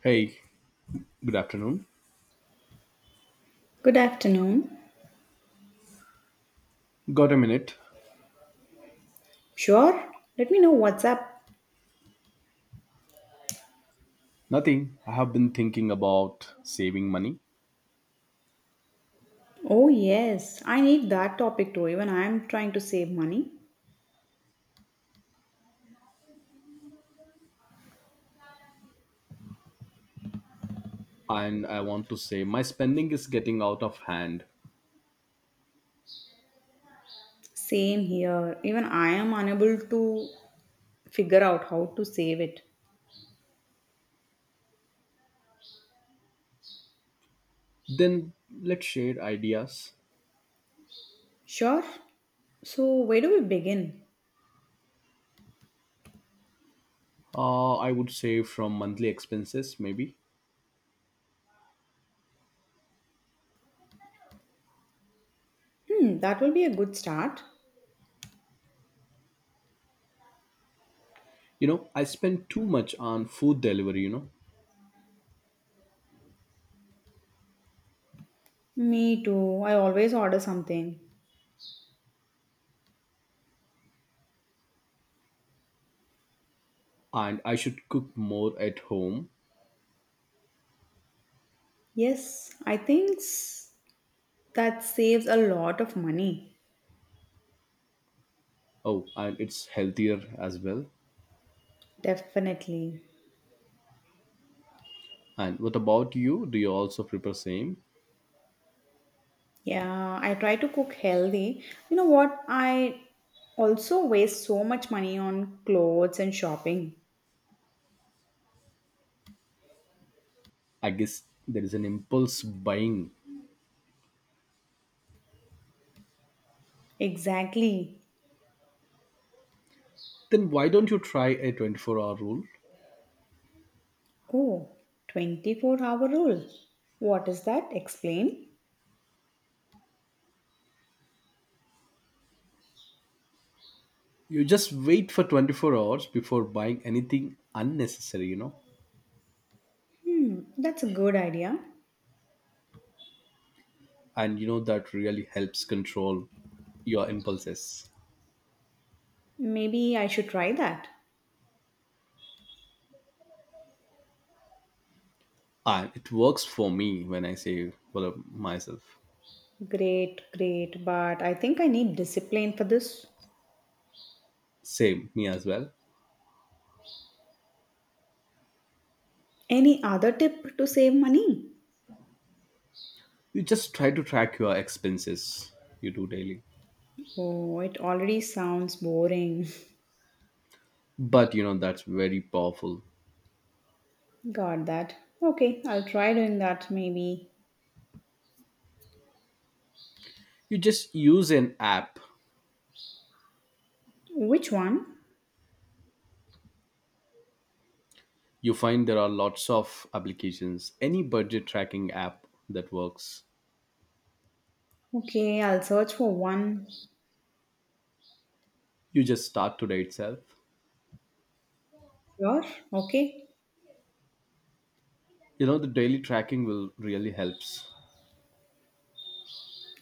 Hey, good afternoon. Good afternoon. Got a minute? Sure, let me know what's up. Nothing. I have been thinking about saving money Oh, yes, I need that topic too. Even I am trying to save money. and I want to say my spending is getting out of hand. Same here. Even I am unable to figure out how to save it. Then let's share ideas. Sure. So, where do we begin? I would save from monthly expenses, maybe. Hmm, that will be a good start. I spend too much on food delivery, Me too. I always order something. and I should cook more at home. Yes, I think s- that saves a lot of money. Oh, and it's healthier as well. Definitely. And what about you? Do you also prepare same? Yeah, I try to cook healthy. You know what? I also waste so much money on clothes and shopping. I guess there is an impulse buying. Exactly. Then why don't you try a 24-hour rule? Oh, 24 hour rule. What is that? Explain. You just wait for 24 hours before buying anything unnecessary, you know? Hmm, that's a good idea. And you know that really helps control your impulses. Maybe I should try that. And it works for me when I say, well, myself. Great, great, but I think I need discipline for this. Same, me as well. Any other tip to save money? You just try to track your expenses you do daily. Oh, it already sounds boring. But that's very powerful. Got that. Okay, I'll try doing that maybe. You just use an app. Which one? You find there are lots of applications, any budget tracking app that works. Okay, I'll search for one. You just start today itself. Sure. Okay. You know the daily tracking will really helps.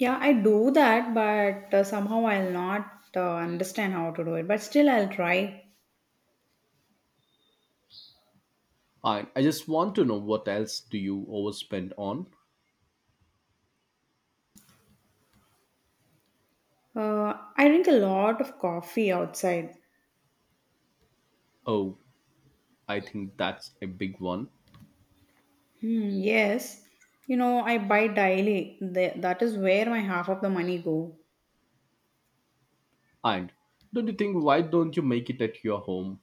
Yeah, I do that, but somehow I'll not understand how to do it. But still, I'll try. I just want to know what else do you overspend on. I drink a lot of coffee outside. Oh, I think that's a big one. Hmm, yes. You know, I buy daily. That is where my half of the money go. And don't you think, why don't you make it at your home?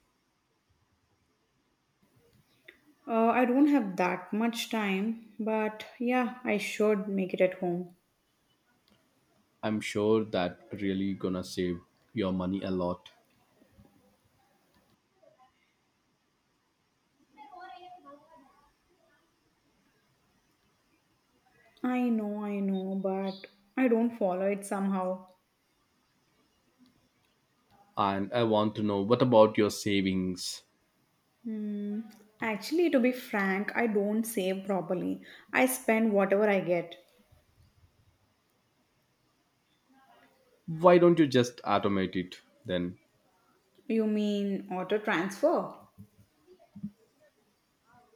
I don't have that much time, but yeah, I should make it at home. I'm sure that really gonna save your money a lot. I know, but I don't follow it somehow. And I want to know, what about your savings? Hmm. Actually, to be frank, I don't save properly. I spend whatever I get. Why don't you just automate it then? You mean auto transfer?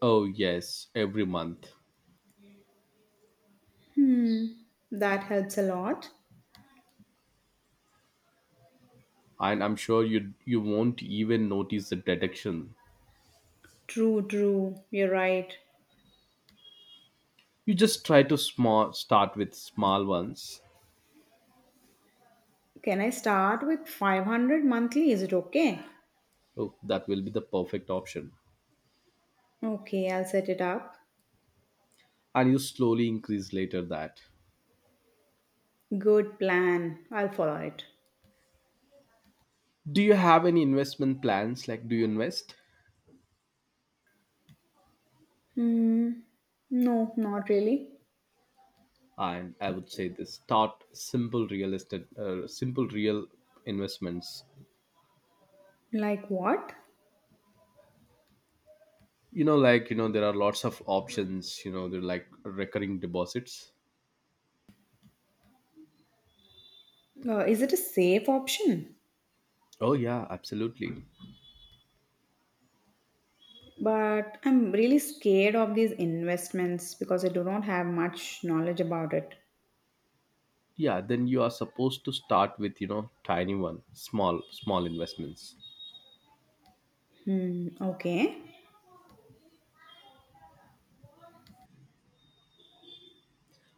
Oh yes, every month. Hmm. That helps a lot. And I'm sure you won't even notice the deduction. True, true. You're right. You just try to small start with small ones. Can I start with 500 monthly? Is it okay? Oh, that will be the perfect option. Okay, I'll set it up. And you slowly increase later that. Good plan. I'll follow it. Do you have any investment plans? Like, do you invest? Hmm. No, not really. And I would say this: start simple real estate, simple real investments. Like what? Like, there are lots of options. They're like recurring deposits. Is it a safe option? Oh yeah, absolutely. But I'm really scared of these investments because I do not have much knowledge about it. Yeah, then you are supposed to start with tiny one, small small investments. Hmm, okay.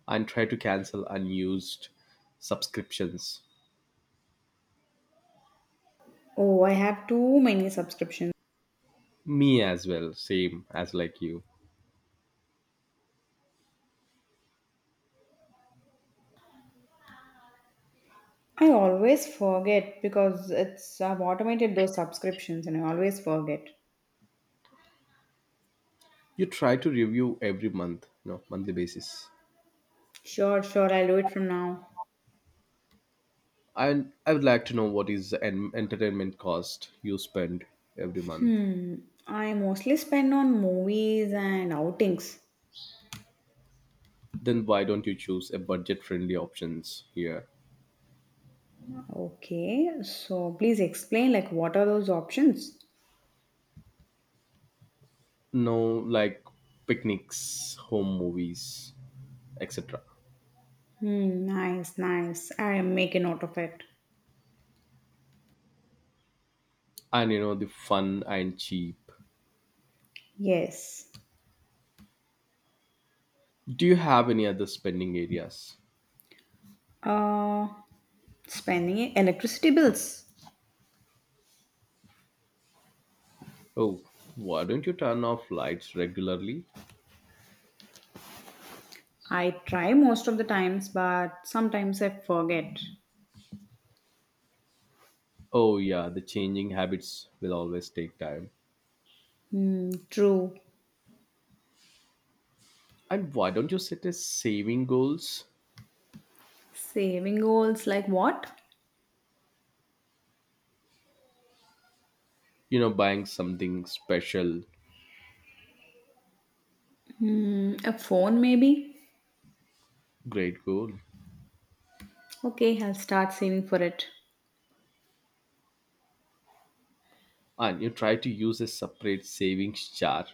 And try to cancel unused subscriptions. Oh, I have too many subscriptions. Me as well, same as like you. I always forget because it's I've automated those subscriptions and I always forget. You try to review every month, monthly basis. Sure, sure, I'll do it from now. And I would like to know what is the entertainment cost you spend every month. Hmm. I mostly spend on movies and outings. Then why don't you choose a budget-friendly options here? Okay, so please explain like what are those options? No, like picnics, home movies, etc. Hmm, nice, nice. I make a note of it. And you know the fun and cheap. Yes. Do you have any other spending areas? Uh, Spending electricity bills. Oh, why don't you turn off lights regularly? I try most of the times, but sometimes I forget. Oh, yeah, the changing habits will always take time. Hmm, true. And why don't you set a saving goals? Saving goals like what? Buying something special, Hmm, a phone maybe? great goal. Okay, I'll start saving for it. And you try to use a separate savings jar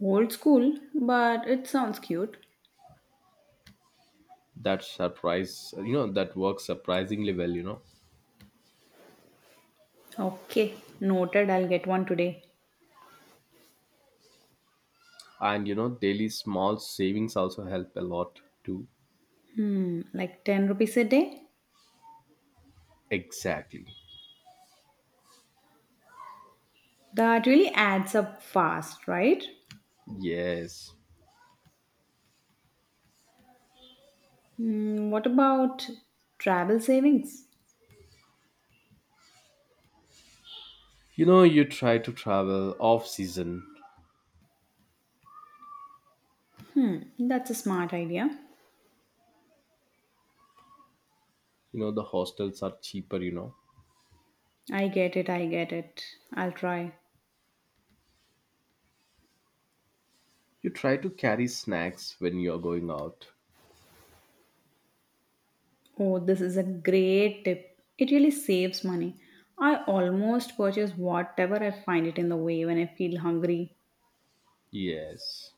Old school, but it sounds cute. that surprise, that works surprisingly well. Okay, noted. I'll get one today. And daily small savings also help a lot too. Hmm, like 10 rupees a day? Exactly. That really adds up fast, right? Yes. Hmm, what about travel savings? You try to travel off season. Hmm, that's a smart idea. You know the hostels are cheaper. I get it, I get it. I'll try. You try to carry snacks when you're going out. Oh, this is a great tip. It really saves money. I almost purchase whatever I find it in the way when I feel hungry. Yes,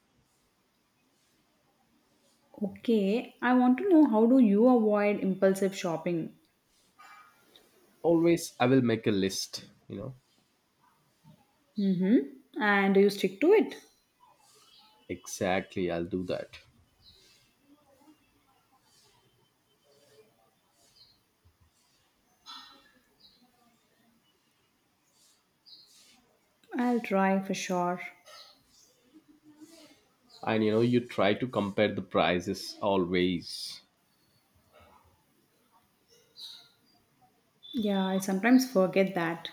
Okay, I want to know how do you avoid impulsive shopping? always I will make a list. Mm-hmm. And do you stick to it? Exactly, I'll do that. I'll try for sure. And you know you try to compare the prices always. Yeah, I sometimes forget that.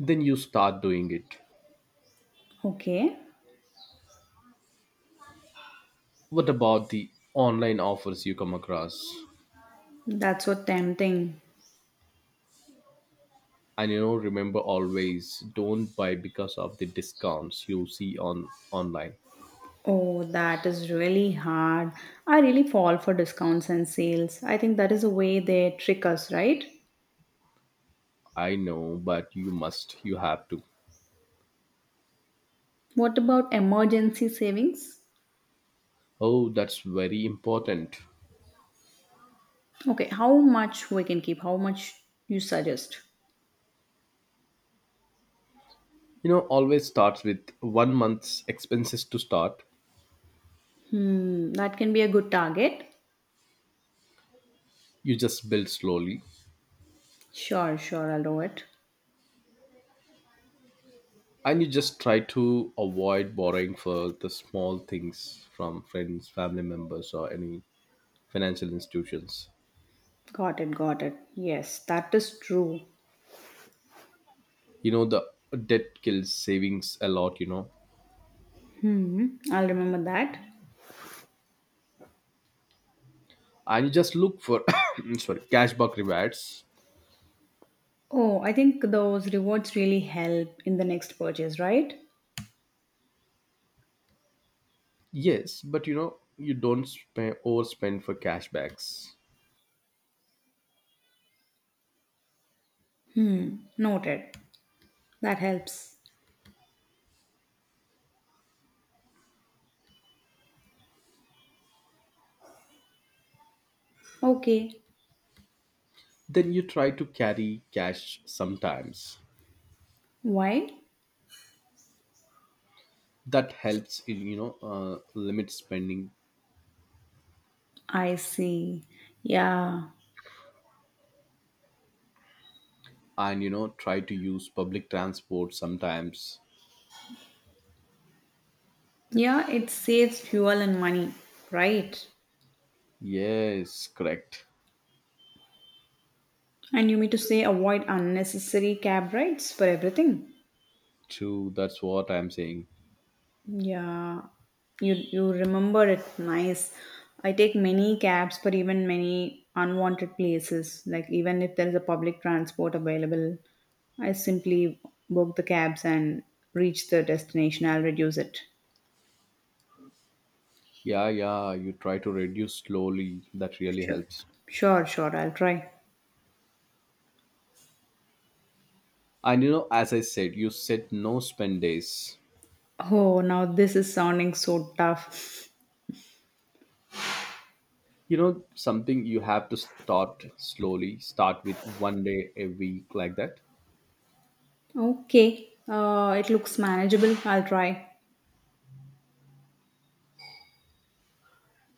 Then you start doing it. Okay, What about the online offers you come across? that's so tempting. And remember always, don't buy because of the discounts you see on online. Oh, that is really hard. I really fall for discounts and sales. I think that is the way they trick us, right? I know, but you have to. What about emergency savings? Oh, that's very important. Okay, how much we can keep? How much you suggest? You know always starts with one month's expenses to start. Hmm, that can be a good target. You just build slowly. Sure, sure, I'll do it. And you just try to avoid borrowing for the small things from friends, family members, or any financial institutions. Got it, got it. Yes, that is true. You know the debt kills savings a lot. Hmm, I'll remember that. And you just look for sorry, cashback rewards. Oh, I think those rewards really help in the next purchase, right? Yes, but you don't spend overspend for cashbacks. Hmm, noted. That helps. Okay. Then you try to carry cash sometimes. Why? That helps in limit spending. I see. Yeah. And try to use public transport sometimes. Yeah, it saves fuel and money, right? Yes, correct. And you mean to say avoid unnecessary cab rides for everything? True, that's what I'm saying. Yeah. You remember it nice. I take many cabs for even many unwanted places. Like even if there is a public transport available, I simply book the cabs and reach the destination. I'll reduce it. Yeah, yeah, you try to reduce slowly, that really Sure. helps. Sure, sure, I'll try. And as I said, you set no spend days. Oh, now this is sounding so tough. You know something, you have to start slowly, start with one day a week like that. Okay, it looks manageable. I'll try.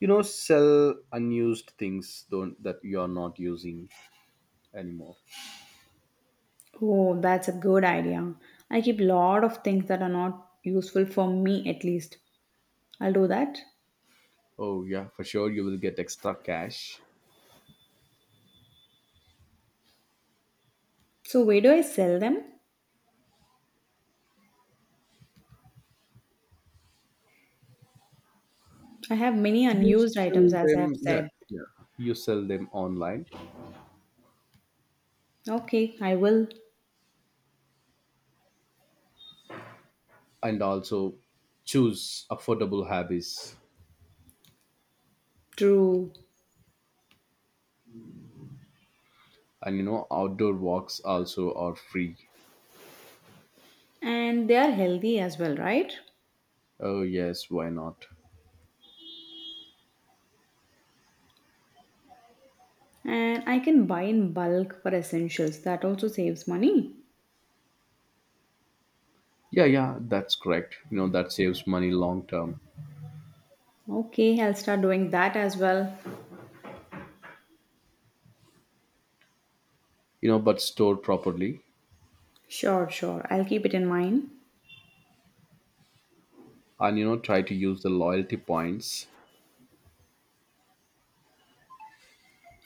You know sell unused things, don't that you are not using anymore. Oh, that's a good idea. I keep a lot of things that are not useful for me, at least. I'll do that. Oh, yeah, for sure. You will get extra cash. So, where do I sell them? I have many unused items, as I have said. You sell them online Okay, I will. and also choose affordable hobbies. True. And outdoor walks also are free. And they are healthy as well, right? Oh, yes, why not? And I can buy in bulk for essentials. That also saves money. Yeah, yeah, that's correct. That saves money long term. Okay, I'll start doing that as well. But store properly. Sure, sure. I'll keep it in mind. And try to use the loyalty points.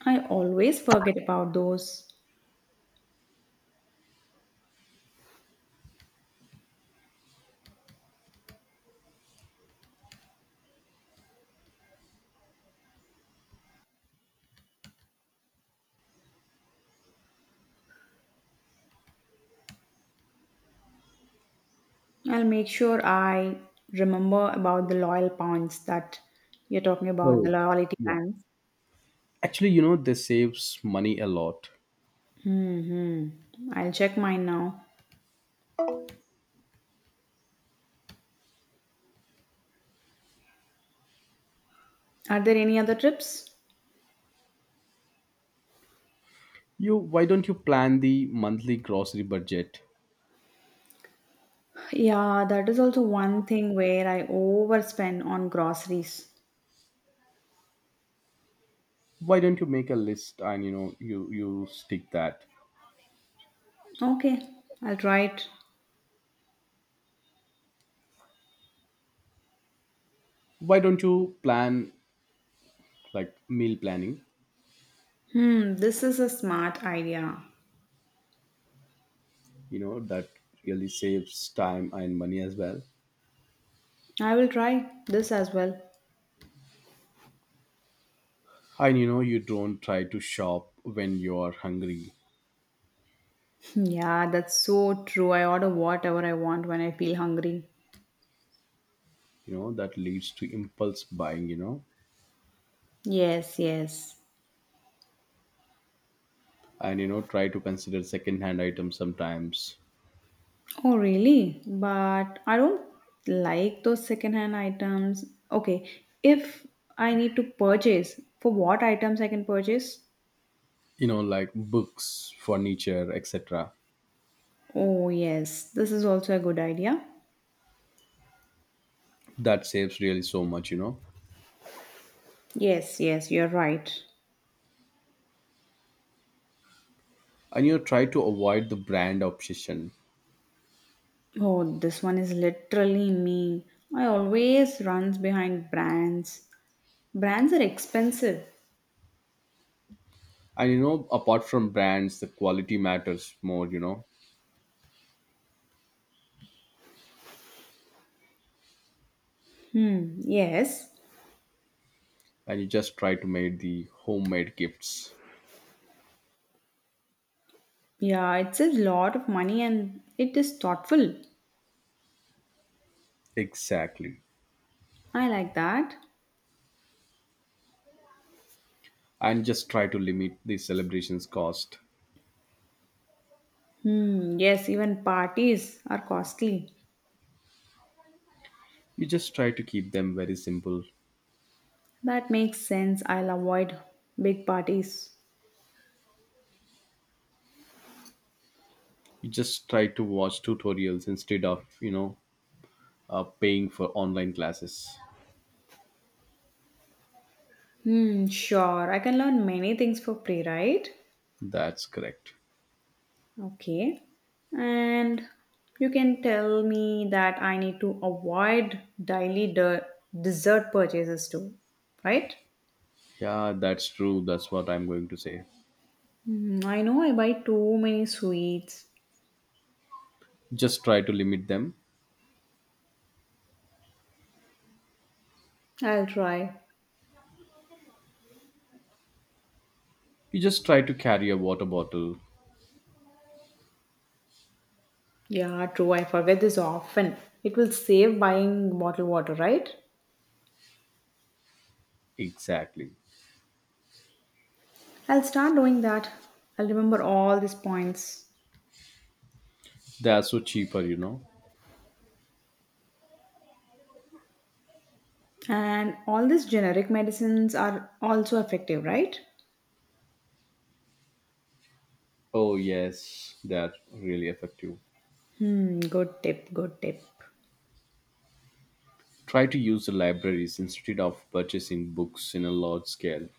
I always forget about those. I'll make sure I remember about the loyal points that you're talking about, the Oh, loyalty yeah. plans. Actually, this saves money a lot. Hmm. I'll check mine now. Are there any other trips? Why don't you plan the monthly grocery budget? Yeah, that is also one thing where I overspend on groceries. Why don't you make a list, and you stick that. Okay, I'll try it. Why don't you plan, like, meal planning? Hmm, this is a smart idea. You know that really saves time and money as well. I will try this as well. And you don't try to shop when you are hungry. Yeah, that's so true. I order whatever I want when I feel hungry. You know that leads to impulse buying. Yes, yes. And try to consider second hand items sometimes. Oh, really? But I don't like those secondhand items. Okay, if I need to purchase, for what items I can purchase? You know like books, furniture, etc. Oh, yes, this is also a good idea. That saves really so much. Yes, yes, you're right. And try to avoid the brand obsession. Oh, this one is literally me. I always runs behind brands. Brands are expensive. And apart from brands, the quality matters more. Hmm, yes. And you just try to make the homemade gifts. Yeah, it saves a lot of money and it is thoughtful. Exactly. I like that. And just try to limit the celebrations cost. Hmm, yes, even parties are costly. You just try to keep them very simple. That makes sense. I'll avoid big parties. You just try to watch tutorials instead of, paying for online classes. Hmm, sure. I can learn many things for free, right? That's correct. Okay. And you can tell me that I need to avoid daily dessert purchases too, right? Yeah, that's true. That's what I'm going to say. Hmm, I know I buy too many sweets. Just try to limit them. I'll try. You just try to carry a water bottle. Yeah, true. I forget this often. It will save buying bottled water, right? Exactly. I'll start doing that. I'll remember all these points. They are so cheaper. And all these generic medicines are also effective, right? Oh, yes, they're really effective. Hmm, good tip, good tip. Try to use the libraries instead of purchasing books in a large scale.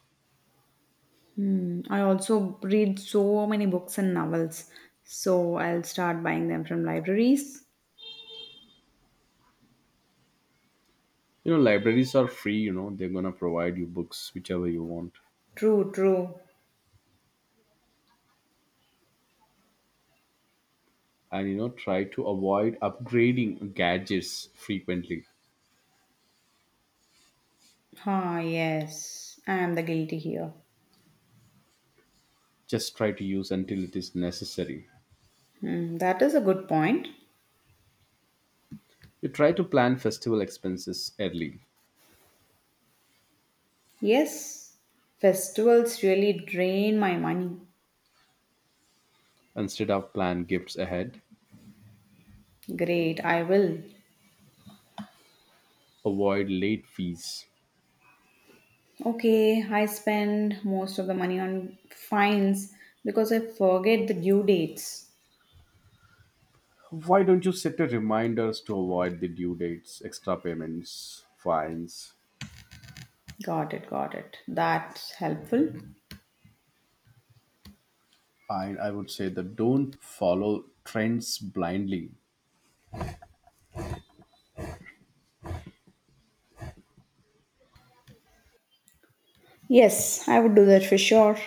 Hmm, I also read so many books and novels, so I'll start buying them from libraries. Libraries are free, they're gonna provide you books whichever you want. True, true. And try to avoid upgrading gadgets frequently. Ah, yes, I am the guilty here. Just try to use until it is necessary. Hmm, that is a good point. You try to plan festival expenses early Yes, festivals really drain my money. instead of plan gifts ahead. Great, I will. Avoid late fees. Okay, I spend most of the money on fines because I forget the due dates. Why don't you set a reminders to avoid the due dates, extra payments, fines? Got it, got it. That's helpful. I would say that don't follow trends blindly. Yes, I would do that for sure.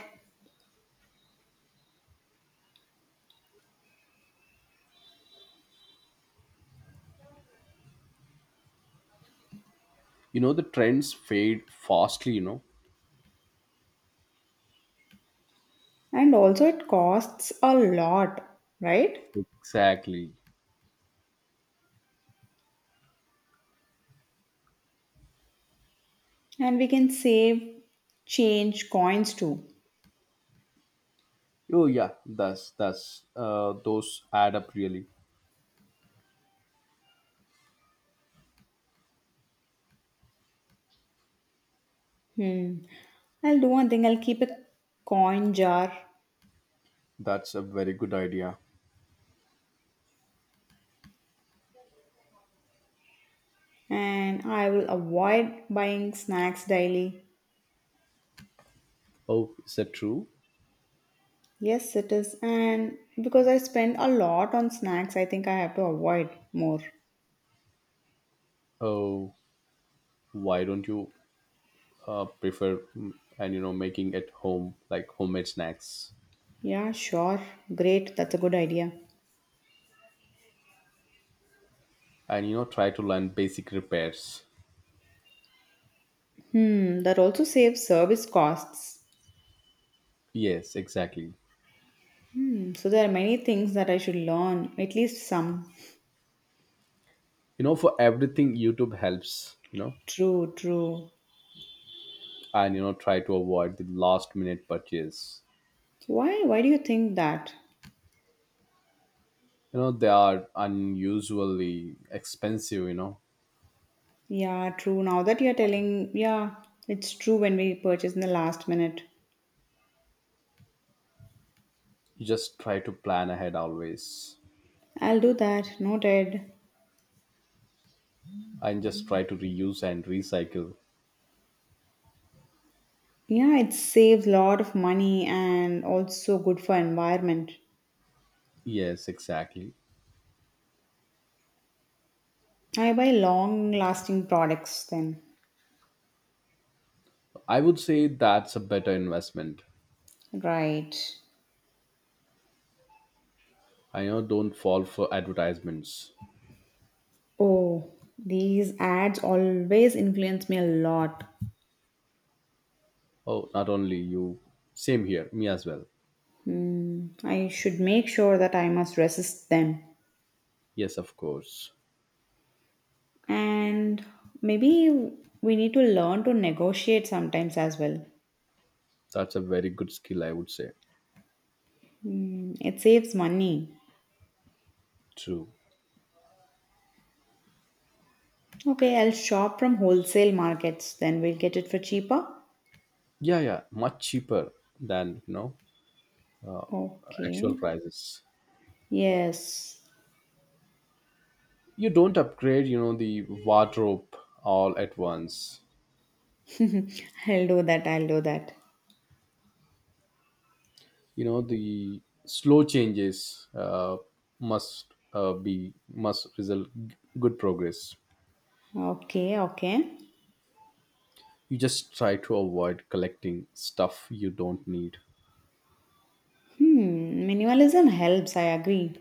You know the trends fade fastly. You know And also, it costs a lot, right? exactly. And we can save change coins too. Oh yeah, that's those add up really. I'll do one thing, I'll keep a coin jar That's a very good idea. and I will avoid buying snacks daily. Oh, is that true? Yes, it is. And because I spend a lot on snacks, I think I have to avoid more. Oh, why don't you prefer and making at home, like homemade snacks. Yeah, sure. Great. That's a good idea. And try to learn basic repairs. Hmm, that also saves service costs. Yes, exactly. Hmm, so there are many things that I should learn, at least some. You know for everything YouTube helps. True, true. And try to avoid the last minute purchase. Why do you think that? They are unusually expensive. Yeah, true. Now that you're telling, yeah, it's true when we purchase in the last minute. You just try to plan ahead always. I'll do that. Noted. And just try to reuse and recycle. Yeah, it saves a lot of money and also good for environment. Yes, exactly. I buy long lasting products then. I would say that's a better investment. Right. I know, don't fall for advertisements. Oh, these ads always influence me a lot. Oh, not only you, same here, me as well. Hmm, I should make sure that I must resist them. Yes, of course. And maybe we need to learn to negotiate sometimes as well. That's a very good skill, I would say. Hmm, it saves money. True. Okay, I'll shop from wholesale markets, then we'll get it for cheaper. Yeah, yeah, much cheaper than Okay. actual prices. Yes. You don't upgrade, the wardrobe all at once. Mhm. I'll do that. I'll do that. You know the slow changes must uh, be must result good progress. Okay, okay. You just try to avoid collecting stuff you don't need. Hmm, minimalism helps, I agree.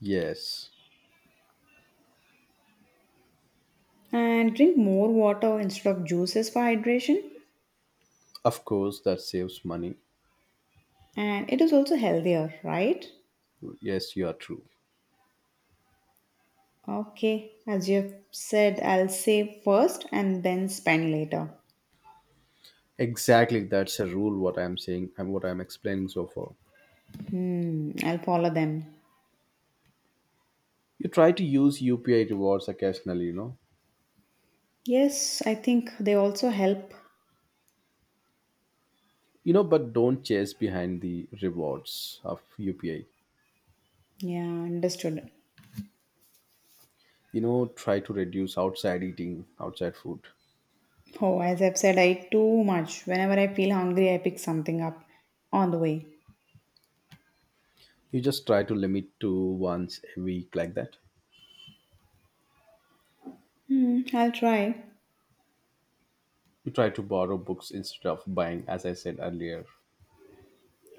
Yes, And drink more water instead of juices for hydration. of course, that saves money. And it is also healthier, right? Yes, you are true. Okay, as you have said, I'll save first and then spend later. Exactly, that's a rule what I'm saying and what I'm explaining so far. Hmm, I'll follow them. You try to use upi rewards occasionally. Yes, I think they also help. But don't chase behind the rewards of upi. Yeah, understood. Try to reduce outside eating outside food. Oh, as I've said, I eat too much. Whenever I feel hungry, I pick something up on the way. You just try to limit to once a week like that. Hmm, I'll try. You try to borrow books instead of buying as I said earlier.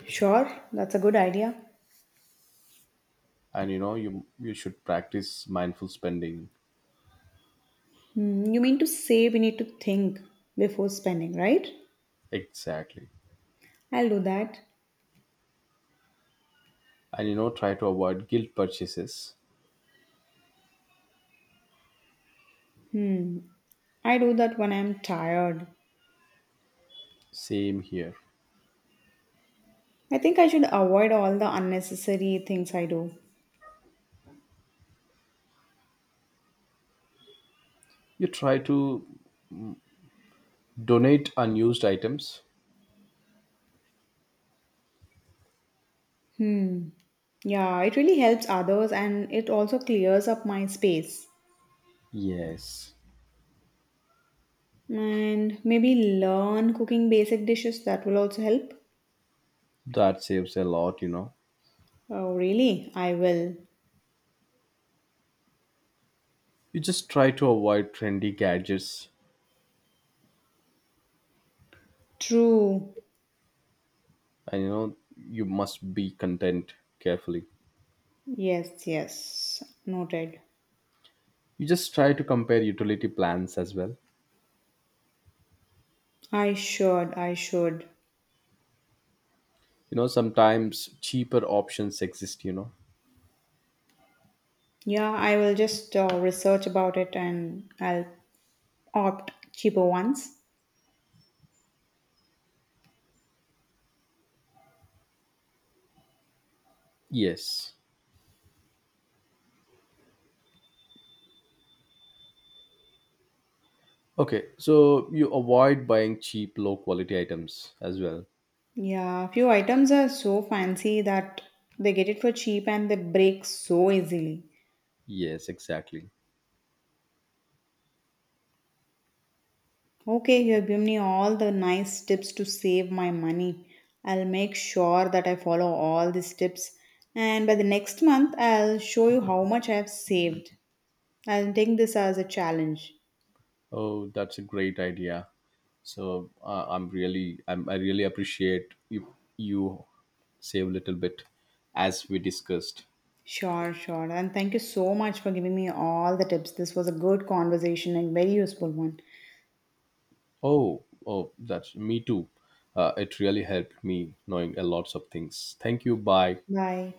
Sure, that's a good idea. And you should practice mindful spending. Hmm, you mean to say we need to think before spending, right? Exactly. I'll do that. And try to avoid guilt purchases. Hmm, I do that when I'm tired. Same here. I think I should avoid all the unnecessary things I do. You try to donate unused items. Hmm, yeah, it really helps others and it also clears up my space. Yes, And maybe learn cooking basic dishes, that will also help. that saves a lot. Oh, really? I will. You just try to avoid trendy gadgets. True. And you must be content carefully. Yes, yes. Noted. You just try to compare utility plans as well. I should, I should. Sometimes cheaper options exist. Yeah, I will just research about it and I'll opt cheaper ones. yes. Okay, so you avoid buying cheap low quality items as well. Yeah, few items are so fancy that they get it for cheap and they break so easily. Yes, exactly. Okay, you have given me all the nice tips to save my money. I'll make sure that I follow all these tips. And by the next month, I'll show you how much I have saved. I'll take this as a challenge. Oh, that's a great idea. So I really appreciate you save a little bit, as we discussed. Sure, sure. And thank you so much for giving me all the tips. This was a good conversation and very useful one. Oh, oh, that's me too. It really helped me knowing a lots of things. Thank you. Bye. Bye.